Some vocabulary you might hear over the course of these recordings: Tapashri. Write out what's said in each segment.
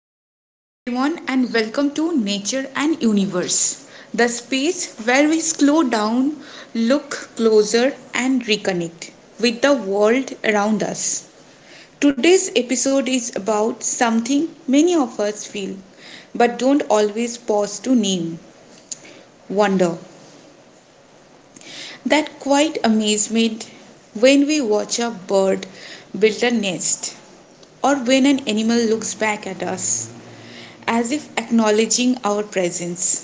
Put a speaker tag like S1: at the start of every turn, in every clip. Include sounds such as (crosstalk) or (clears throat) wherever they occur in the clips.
S1: Hello, everyone, and welcome to Nature and Universe, the space where we slow down, look closer, and reconnect with the world around us. Today's episode is about something many of us feel but don't always pause to name wonder. That quiet amazement when we watch a bird build a nest or when an animal looks back at us as if acknowledging our presence.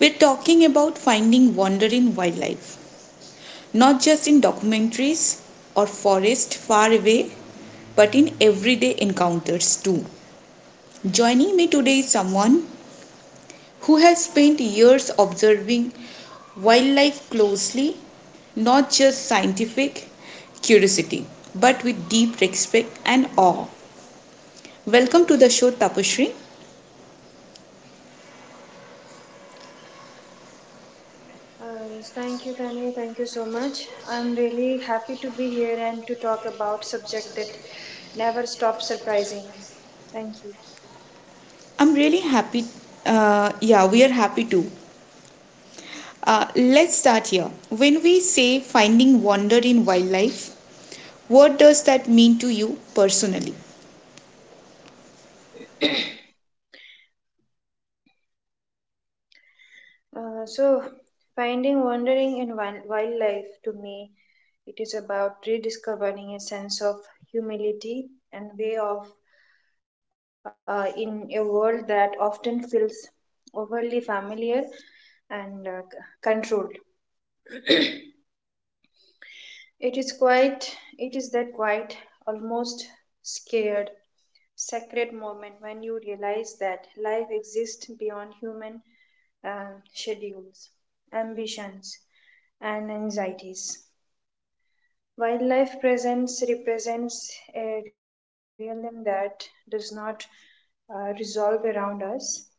S1: We're talking about finding wonder in wildlife, not just in documentaries or forest far away, but in everyday encounters too. Joining me today is someone who has spent years observing wildlife closely, not just scientific curiosity, but with deep respect and awe. Welcome to the show, Tapashri.
S2: Yes, thank you, Tanya. Thank you so much. I'm really happy to be here and to talk about subject that never stops surprising me. Thank you.
S1: I'm really happy. Yeah, we are happy too. Let's start here. When we say finding wonder in wildlife, what does that mean to you personally?
S2: Uh, so, finding wandering in wildlife to me, it is about rediscovering a sense of humility and way of in a world that often feels overly familiar and controlled. It is quite, it is that quite almost scared, sacred moment when you realize that life exists beyond human schedules, ambitions, and anxieties. Wildlife presence represents a realm that does not resolve around us,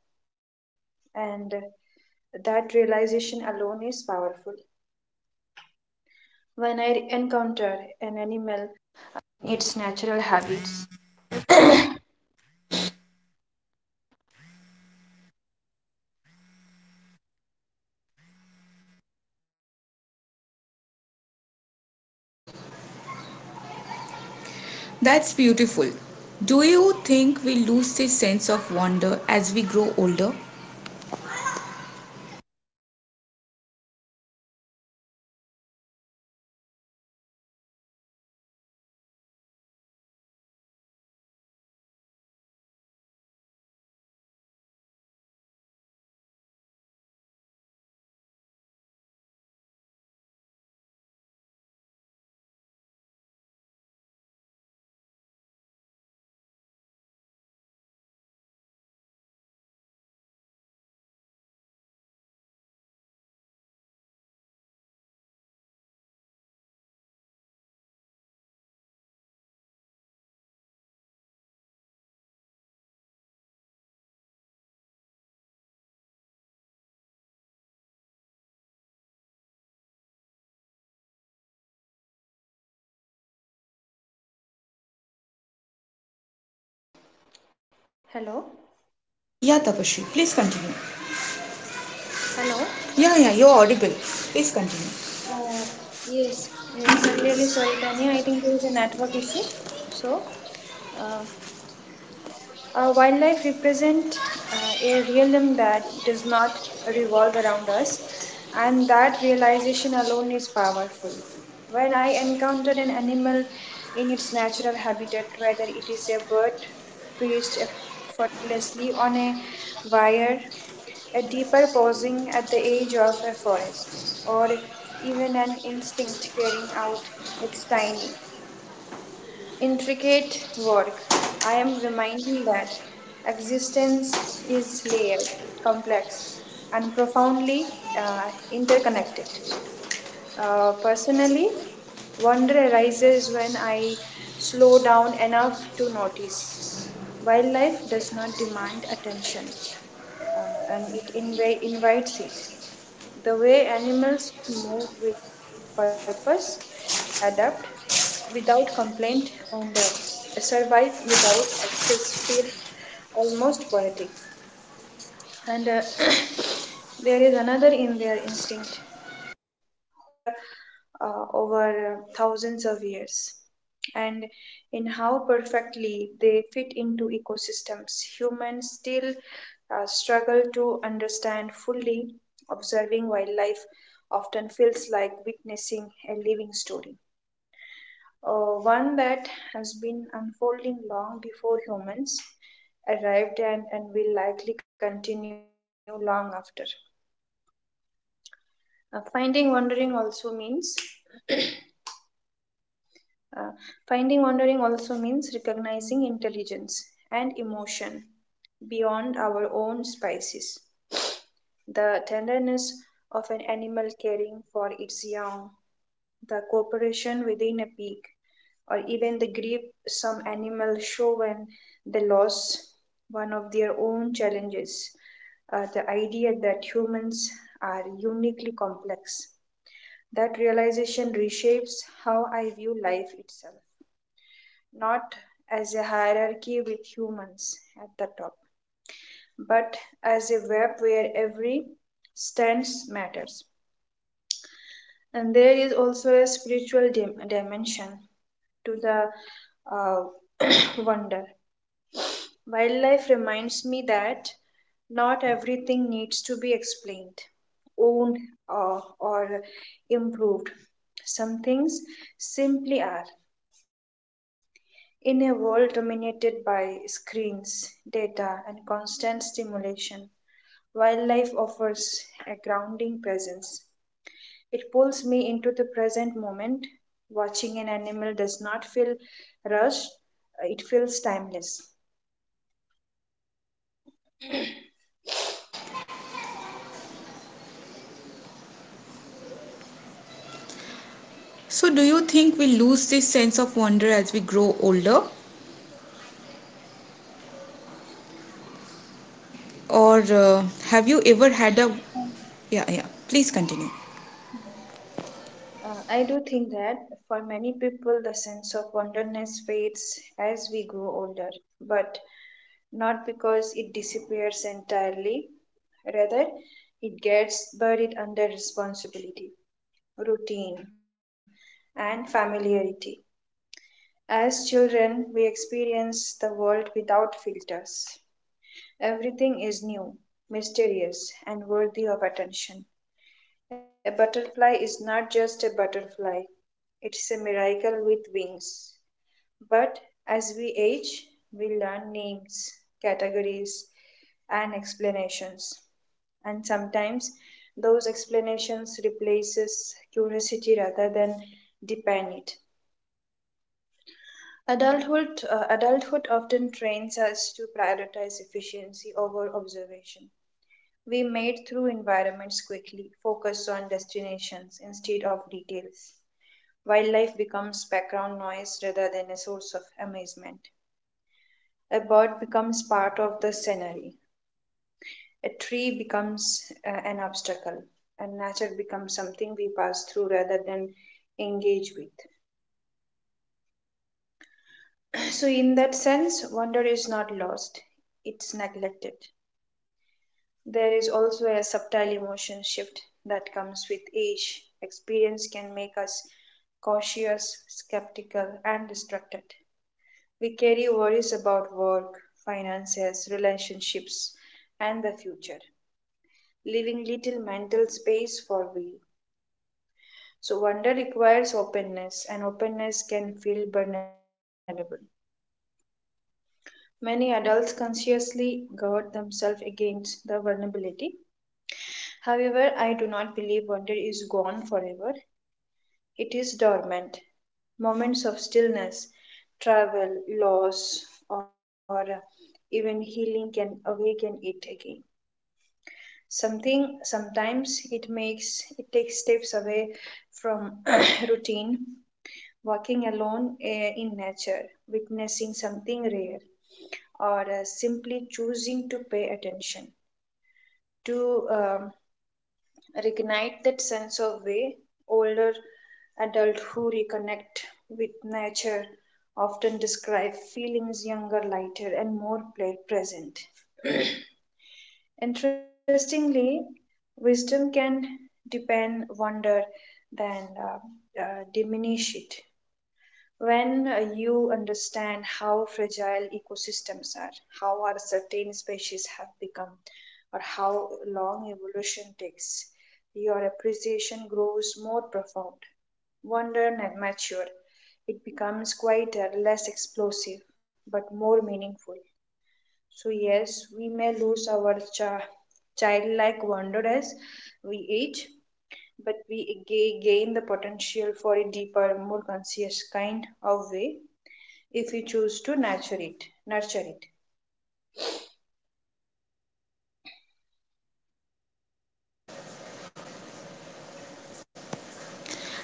S2: and that realization alone is powerful. When I encounter an animal.
S1: That's beautiful. Do you think we lose this sense of wonder as we grow older? Yeah, Tapashri, please continue.
S2: Hello.
S1: Yeah, yeah, you're audible. Please continue.
S2: Uh, yes, I'm really sorry, Tanya. I think there is a network issue. So, uh, wildlife represent a realm that does not revolve around us, and that realization alone is powerful. When I encounter an animal in its natural habitat, whether it is a bird perched effortlessly on a wire, a deeper pausing at the edge of a forest, or even an instinct carrying out its tiny, intricate work. I am reminding that existence is layered, complex, and profoundly interconnected. Personally, wonder arises when I slow down enough to notice. Wildlife does not demand attention, and it invites it. The way animals move with purpose, adapt without complaint, and survive without excess feel almost poetic and (coughs) there is another in their instinct honed over thousands of years and in how perfectly they fit into ecosystems humans still struggle to understand fully observing wildlife feels like witnessing a living story, one that has been unfolding long before humans arrived and will likely continue long after. Finding wandering also means uh, finding wandering also means recognizing intelligence and emotion beyond our own species. The tenderness of an animal caring for its young, the cooperation within a pig, or even the grief some animals show when they lose one of their own challenges. The idea that humans are uniquely complex. That realization reshapes how I view life itself, not as a hierarchy with humans at the top, but as a web where every stance matters. And there is also a spiritual dimension to the uh, (coughs) (clears throat) wonder. Wildlife reminds me that not everything needs to be explained, owned, or improved. Some things simply are. In a world dominated by screens, data, and constant stimulation, wildlife offers a grounding presence. It pulls me present moment. Watching an animal does not feel rushed, it feels timeless.
S1: So, do you think we lose this sense of wonder as we grow older? Or have you ever had a. Yeah, yeah, please continue.
S2: I do think that for many people, the sense of wonderness fades as we grow older, but not because it disappears entirely. Rather, it gets buried under responsibility, routine, and familiarity. As children, we experience the world without filters. Everything is new, mysterious, and worthy of attention. A butterfly is not just a butterfly, it's a miracle with wings. But as we age, we learn names, categories, and explanations. And sometimes those explanations replaces curiosity rather than deepen it. Adulthood often trains us to prioritize efficiency over observation. We made through environments quickly, focus on destinations instead of details. Wildlife becomes background noise rather than a source of amazement. A bird becomes part of the scenery. A tree becomes an obstacle. And nature becomes something we pass through rather than engage with. (clears throat) So, in that sense, wonder is not lost, it's neglected. There is also a subtle emotion shift that comes with age. Experience can make us cautious, skeptical, and distracted. We carry worries about work, finances, relationships, and the future, leaving little mental space for we. So, wonder requires openness, and openness can feel vulnerable. Many adults consciously guard themselves against the vulnerability. However, I do not believe wonder is gone forever, it is dormant. Moments of stillness, travel, loss, or even healing can awaken it again. Something sometimes it makes it takes steps away from (clears throat) routine, walking alone in nature, witnessing something rare, or simply choosing to pay attention to reignite that sense of way. Older adults who reconnect with nature often describe feelings younger, lighter, and more present. Interestingly, wisdom can deepen wonder than diminish it. When you understand how fragile ecosystems are, how our certain species have become, or how long evolution takes, your appreciation grows more profound. Wonder and mature. It becomes quieter, less explosive, but more meaningful. So, yes, we may lose our childlike wonder as we age, but we gain the potential for a deeper, more conscious kind of way if we choose to nurture it. Nurture it.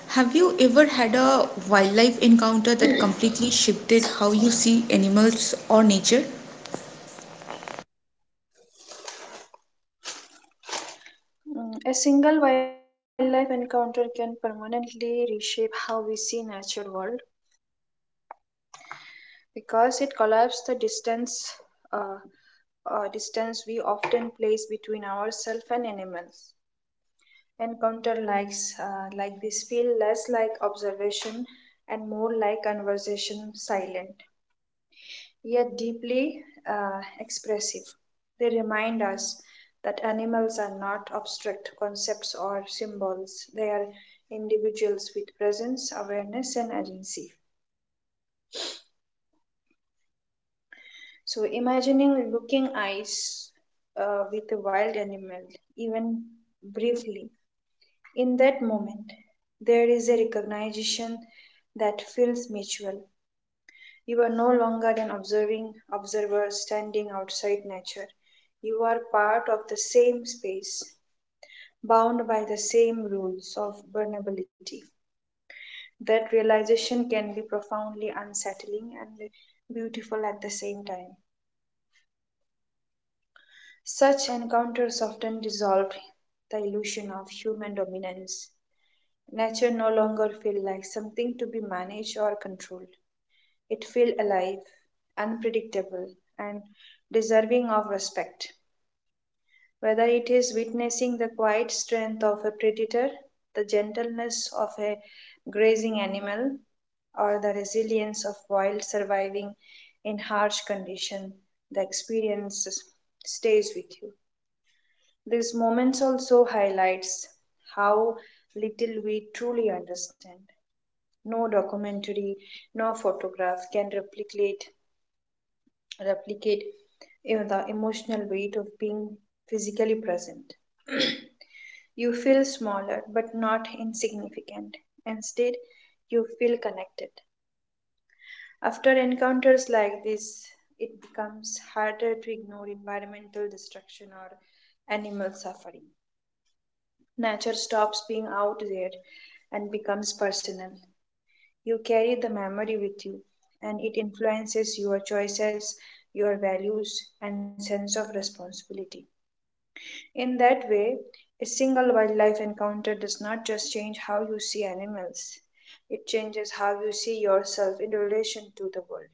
S1: Have you ever had a wildlife encounter that completely shifted how you see animals or nature?
S2: Mm, a single wildlife encounter can permanently reshape how we see natural world because it collapses the distance uh, distance we often place between ourselves and animals. Encounter likes like this feel less like observation and more like conversation, silent yet deeply expressive. They remind us that animals are not abstract concepts or symbols. They are individuals with presence, awareness, and agency. So, imagining looking eyes with a wild animal, even briefly, in that moment, there is a recognition that feels mutual. You are no longer an observing observer standing outside nature. You are part of the same space, bound by the same rules of vulnerability. That realization can be profoundly unsettling and beautiful at the same time. Such encounters often dissolve the illusion of human dominance. Nature no longer feels like something to be managed or controlled. It feels alive, unpredictable, and deserving of respect. Whether it is witnessing the quiet strength of a predator, the gentleness of a grazing animal, or the resilience of wild surviving in harsh conditions, the experience stays with you. These moments also highlights how little we truly understand. No documentary, no photograph can replicate replicate the emotional weight of being physically present. (clears throat) You feel smaller but not insignificant, instead you feel connected. After encounters like this, it becomes harder to ignore environmental destruction or animal suffering. Nature stops being out there and becomes personal. You carry the memory with you, and it influences your choices, your values, and sense of responsibility. In that way, a single wildlife encounter does not just change how you see animals, it changes how you see yourself in relation to the world.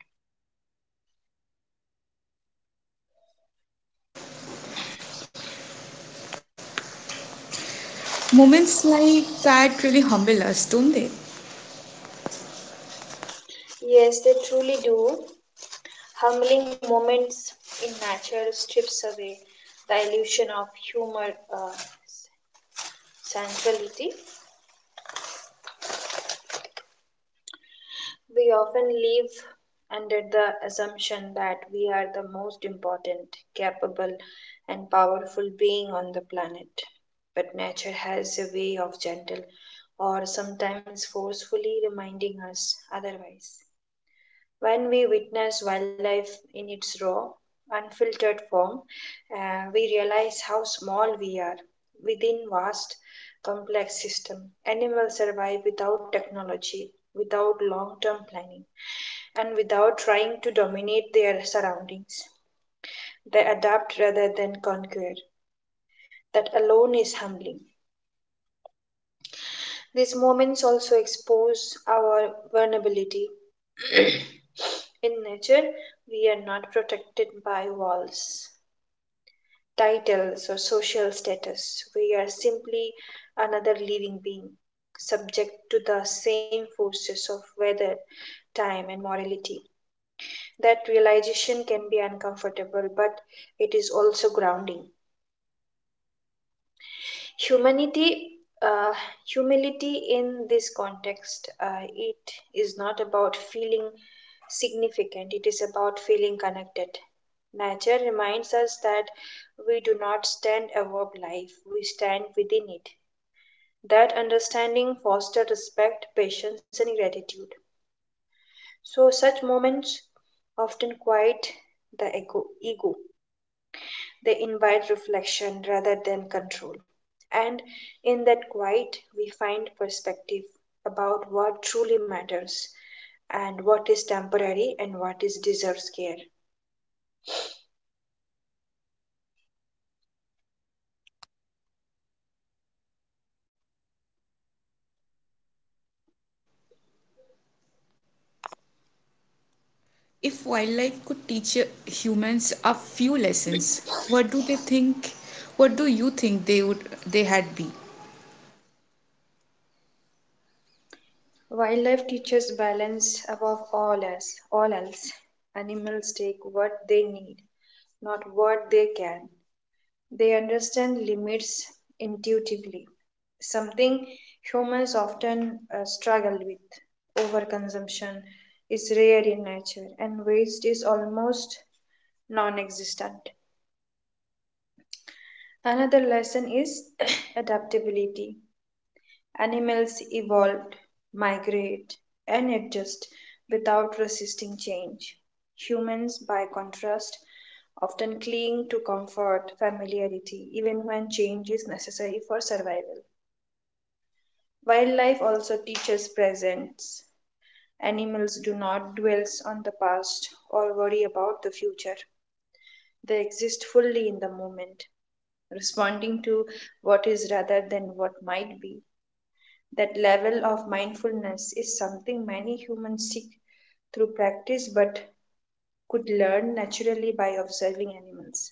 S1: Moments like that really humble us, don't they?
S2: Yes, they truly do. Humbling moments in nature strips away the illusion of humor uh, centrality. We often live under the assumption that we are the most important, capable, and powerful being on the planet. But nature has a way of gentle or sometimes forcefully reminding us otherwise. When we witness wildlife in its raw, unfiltered form, we realize how small we are within vast, complex system. Animals survive without technology, without long-term planning, and without trying to dominate their surroundings. They adapt rather than conquer. That alone is humbling. These moments also expose our vulnerability. (coughs) (clears throat) In nature, we are not protected by walls, titles or social status. We are simply another living being, subject to the same forces of weather, time, and morality. That realization can be uncomfortable, but it is also grounding. Humanity, uh, humility in this context, it is not about feeling significant, it is about feeling connected. Nature reminds us that we do not stand above life, we stand within it. That understanding fosters respect, patience, and gratitude. So, such moments often quiet the ego. They invite reflection rather than control. And in that quiet, we find perspective about what truly matters and what is temporary and what is deserves care.
S1: If wildlife could teach humans a few lessons, what do they think? What do you think they would they had be?
S2: Wildlife teaches balance above all else. All else, animals take what they need, not what they can. They understand limits intuitively, something humans often struggle with. Overconsumption is rare in nature, and waste is almost non existent. Another lesson is (clears throat) adaptability. Animals evolved, migrate, and adjust without resisting change. Humans, by contrast, often cling to comfort, familiarity, even when change is necessary for survival. Wildlife also teaches presence. Animals do not dwell on the past or worry about the future. They exist fully in the moment, responding to what is rather than what might be. That level of mindfulness is something many humans seek through practice but could learn naturally by observing animals.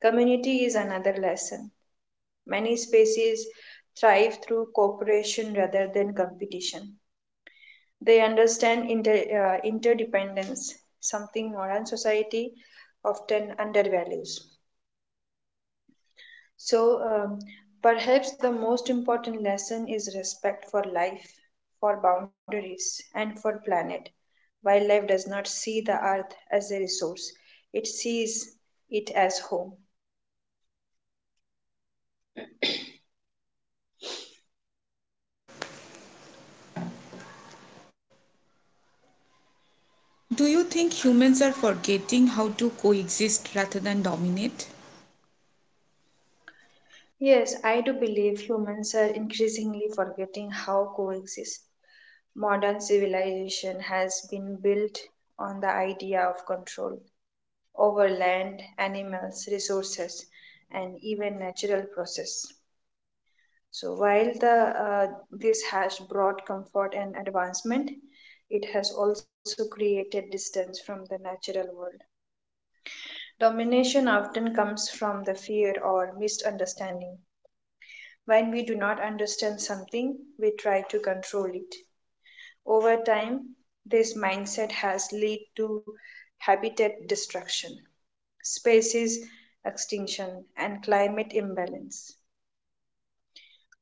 S2: Community is another lesson. Many species thrive through cooperation rather than competition. They understand interdependence, something modern society often undervalues. So, perhaps the most important lesson is respect for life, for boundaries, and for planet. Wildlife does not see the earth as a resource, it sees it as home.
S1: Do you think humans are forgetting how to coexist rather than dominate?
S2: Yes, I do believe humans are increasingly forgetting how coexist. Modern civilization has been built on the idea of control over land, animals, resources, and even natural process. So while the this has brought comfort and advancement, it has also created distance from the natural world. Domination often comes from the fear or misunderstanding. When we do not understand something, we try to control it. Over time, this mindset has led to habitat destruction, species extinction, and climate imbalance.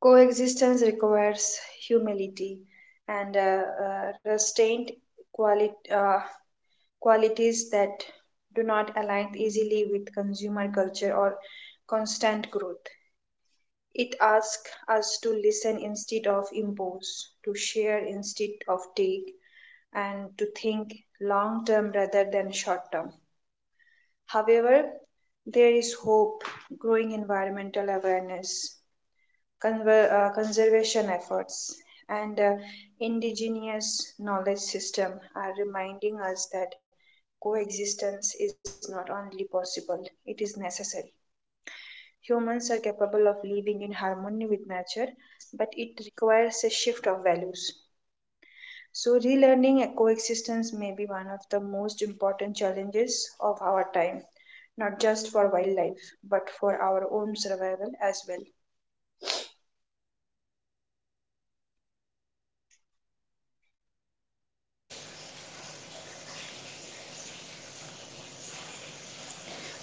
S2: Coexistence requires humility and restraint, quali- uh, qualities that do not align easily with consumer culture or constant growth. It asks us to listen instead of impose, to share instead of take, and to think long term rather than short term. However, there is hope, growing environmental awareness, conservation efforts, and indigenous knowledge system are reminding us that coexistence is not only possible, it is necessary. Humans are capable of living in harmony with nature, but it requires a shift of values. So, relearning a coexistence may be one of the most important challenges of our time, not just for wildlife, but for our own survival as well.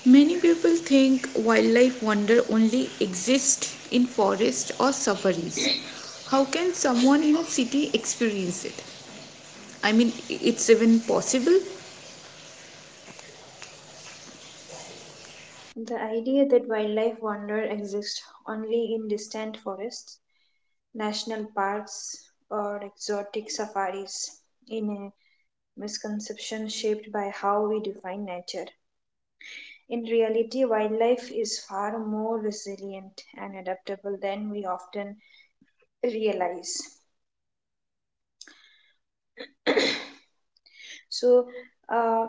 S1: Many people think wildlife wonder only exists in forests or safaris. How can someone in a city experience it? I mean, it's even possible.
S2: The idea that wildlife wonder exists only in distant forests, national parks, or exotic safaris in a misconception shaped by how we define nature. In reality, wildlife is far more resilient and adaptable than we often realize. So, uh,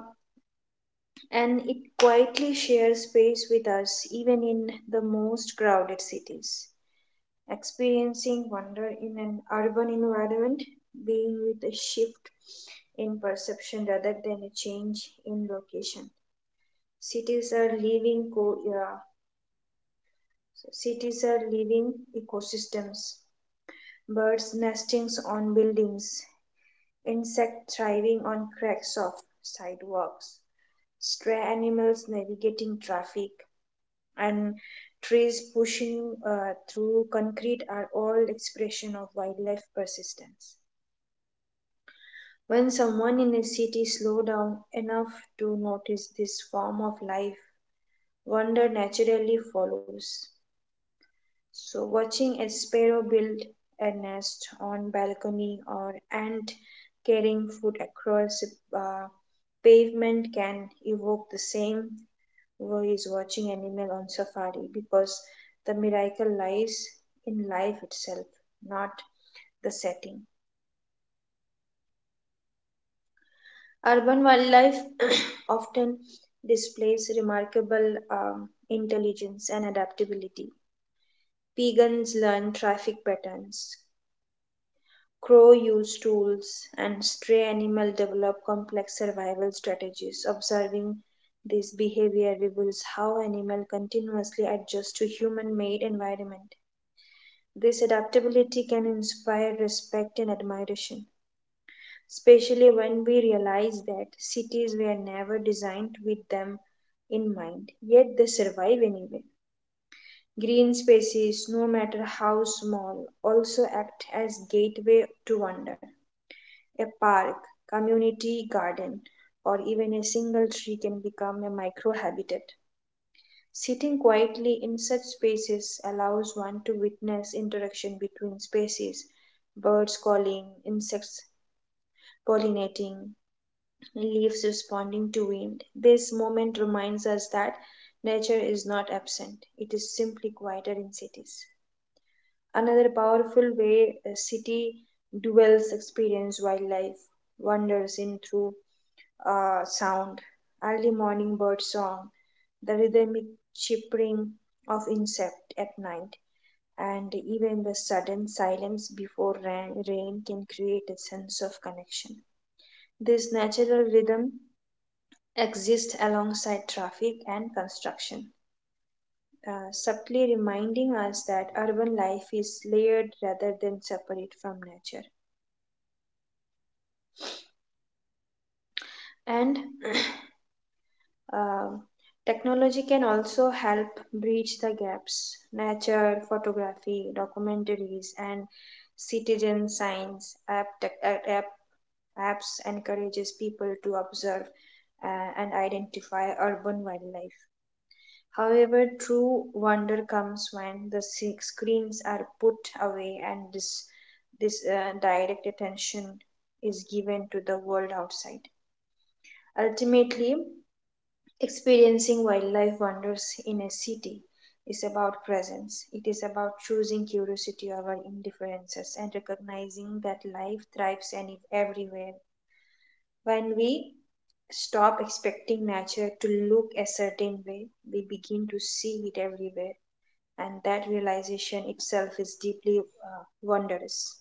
S2: and it quietly shares space with us even in the most crowded cities. Experiencing wonder in an urban environment, being with a shift in perception rather than a change in location. Cities are living co- yeah, so cities are living ecosystems. Birds nesting on buildings, insects thriving on cracks of sidewalks, stray animals navigating traffic, and trees pushing through concrete are all expression of wildlife persistence. When someone in a city slows down enough to notice this form of life, wonder naturally follows. So, watching a sparrow build a nest on balcony or ant carrying food across uh, pavement can evoke the same way as watching animal on safari because the miracle lies in life itself, not the setting. Urban wildlife (clears throat) often displays remarkable intelligence and adaptability. Pigeons learn traffic patterns, crow use tools, and stray animal develop complex survival strategies. Observing this behavior reveals how animal continuously adjust to human-made environment. This adaptability can inspire respect and admiration, especially when we realize that cities were never designed with them in mind, yet they survive anyway. Green spaces, no matter how small, also act as gateway to wonder. A park, community garden, or even a single tree can become a microhabitat. Sitting quietly in such spaces allows one to witness interaction between species, birds calling, insects pollinating, leaves responding to wind. This moment reminds us that nature is not absent, it is simply quieter in cities. Another powerful way a city dwellers experience wildlife wanders in through sound, early morning bird song, the rhythmic chirping of insect at night, and even the sudden silence before rain can create a sense of connection. This natural rhythm exist alongside traffic and construction, subtly reminding us that urban life is layered rather than separate from nature. And (clears throat) um, technology can also help bridge the gaps. Nature photography, documentaries, and citizen science apps encourages people to observe uh, and identify urban wildlife. However, true wonder comes when the screens are put away and this direct attention is given to the world outside. Ultimately, experiencing wildlife wonders in a city is about presence. It is about choosing curiosity over indifferences and recognizing that life thrives any everywhere. When we stop expecting nature to look a certain way, we begin to see it everywhere, and that realization itself is deeply wondrous.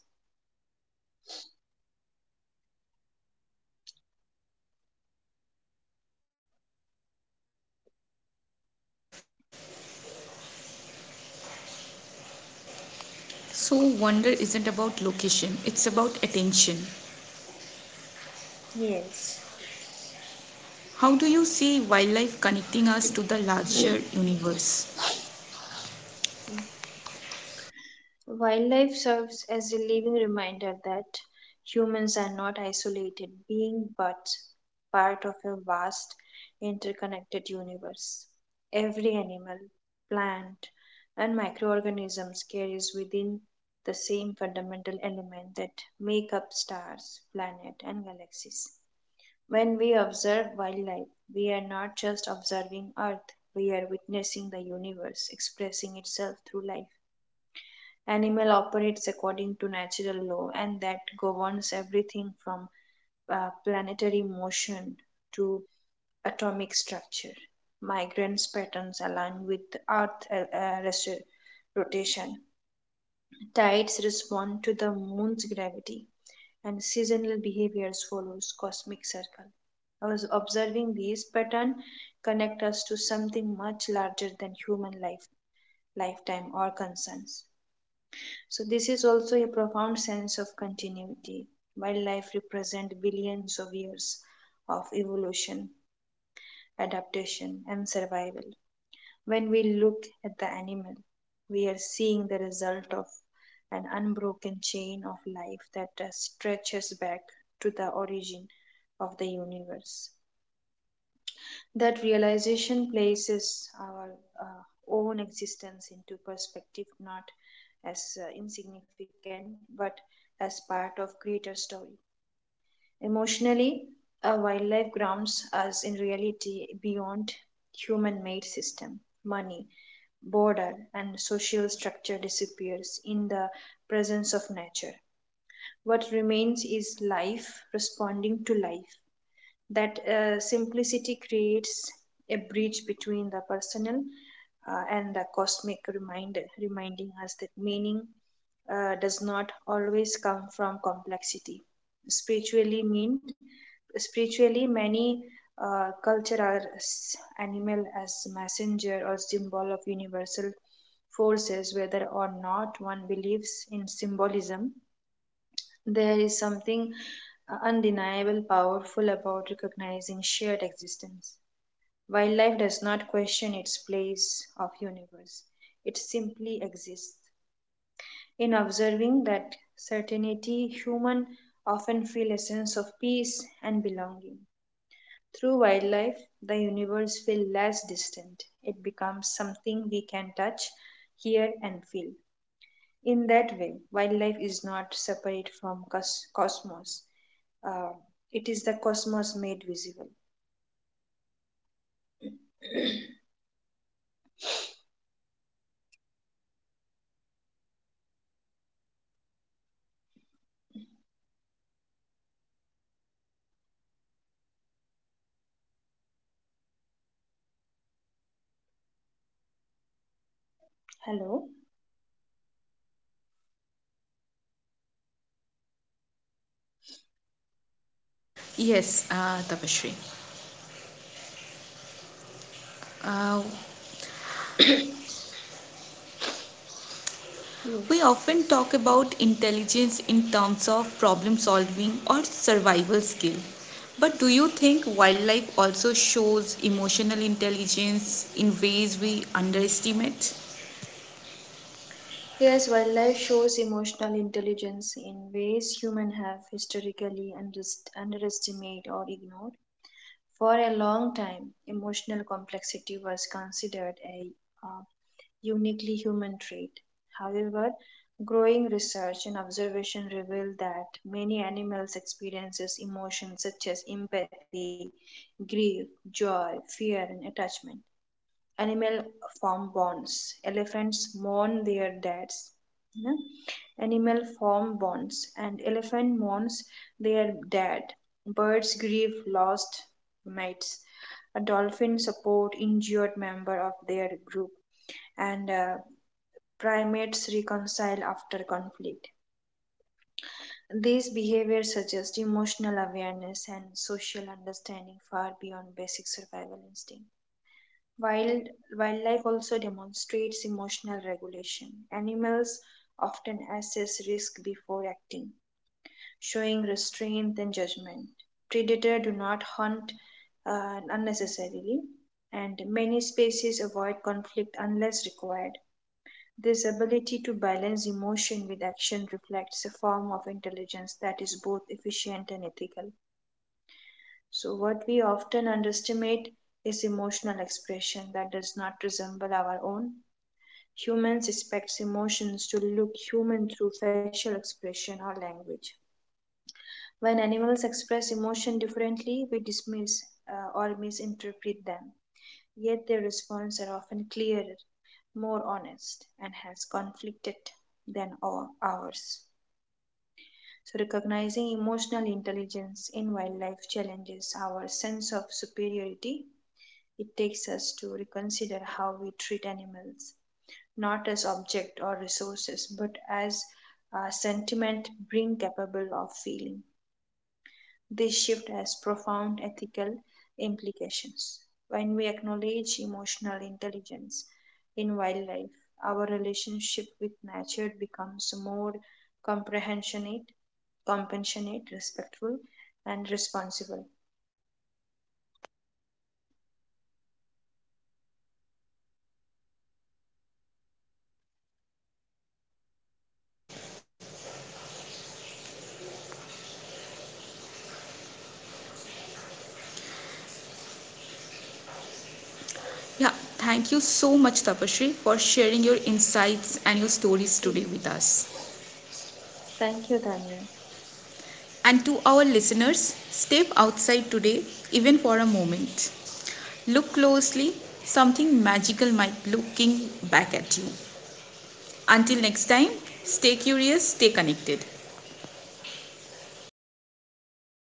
S1: So, wonder isn't about location, it's about attention.
S2: Yes.
S1: How do you see wildlife connecting us to the larger
S2: Okay.
S1: universe?
S2: Wildlife serves as a living reminder that humans are not isolated beings but part of a vast interconnected universe. Every animal, plant, and microorganisms carries within the same fundamental element that make up stars, planet, and galaxies. When we observe wildlife, we are not just observing Earth, we are witnessing the universe expressing itself through life. Animal operates according to natural law and that governs everything from planetary motion to atomic structure. Migrants patterns align with Earth rotation. Tides respond to the moon's gravity and seasonal behaviors follows cosmic circle. I was observing these pattern connect us to something much larger than human life, lifetime or concerns. So this is also a profound sense of continuity. Wildlife represent billions of years of evolution, adaptation and survival. When we look at the animal, we are seeing the result of an unbroken chain of life that stretches back to the origin of the universe. That realization places our uh, own existence into perspective, not as insignificant, but as part of greater story. Emotionally, a wildlife grounds us in reality beyond human made system. Money, border, and social structure disappears in the presence of nature. What remains is life responding to life that simplicity creates a bridge between the personal and the cosmic reminder, reminding us that meaning does not always come from complexity. Spiritually meant, spiritually many culture are animal as messenger or symbol of universal forces, whether or not one believes in symbolism there is something undeniable powerful about recognizing shared existence. Wildlife does not question its place of universe. It simply exists. In observing that certainty, human often feel a sense of peace and belonging. Through wildlife, the universe feels less distant. It becomes something we can touch, hear and feel. In that way, wildlife is not separate from cosmos. Uh, it is the cosmos made visible. Hello?
S1: Yes, Tapashri. Uh, We
S2: Yes.
S1: often talk about intelligence in terms of problem solving or survival skill. But do you think wildlife also shows emotional intelligence in ways we underestimate?
S2: Yes, wildlife shows emotional intelligence in ways humans have historically underestimated or ignored. For a long time, emotional complexity was considered a uh, uniquely human trait. However, growing research and observation reveal that many animals experiences emotions such as empathy, grief, joy, fear and attachment animal form bonds. Elephants mourn their deaths. No? Animal form bonds and elephant mourns their dead. Birds grieve lost mates. A dolphin support injured member of their group, and primates reconcile after conflict. These behaviors suggest emotional awareness and social understanding far beyond basic survival instincts. Wild, wildlife also demonstrates emotional regulation. Animals often assess risk before acting, showing restraint and judgment. Predators do not hunt unnecessarily, and many species avoid conflict unless required. This ability to balance emotion with action reflects a form of intelligence that is both efficient and ethical. So, what we often underestimate is emotional expression that does not resemble our own. Humans expect emotions to look human through facial expression or language. When animals express emotion differently, we dismiss or misinterpret them. Yet their responses are often clearer, more honest, and hence conflicted than ours. So, recognizing emotional intelligence in wildlife challenges our sense of superiority. It takes us to reconsider how we treat animals not as object or resources, but as sentiment being capable of feeling. This shift has profound ethical implications. When we acknowledge emotional intelligence in wildlife, our relationship with nature becomes more comprehensionate, compassionate, respectful, and responsible.
S1: Yeah, thank you so much, Tapasree, for sharing your insights and your stories today with us.
S2: Thank you, Daniel.
S1: And to our listeners, step outside today, even for a moment. Look closely, something magical might be looking back at you. Until next time, stay curious, stay connected.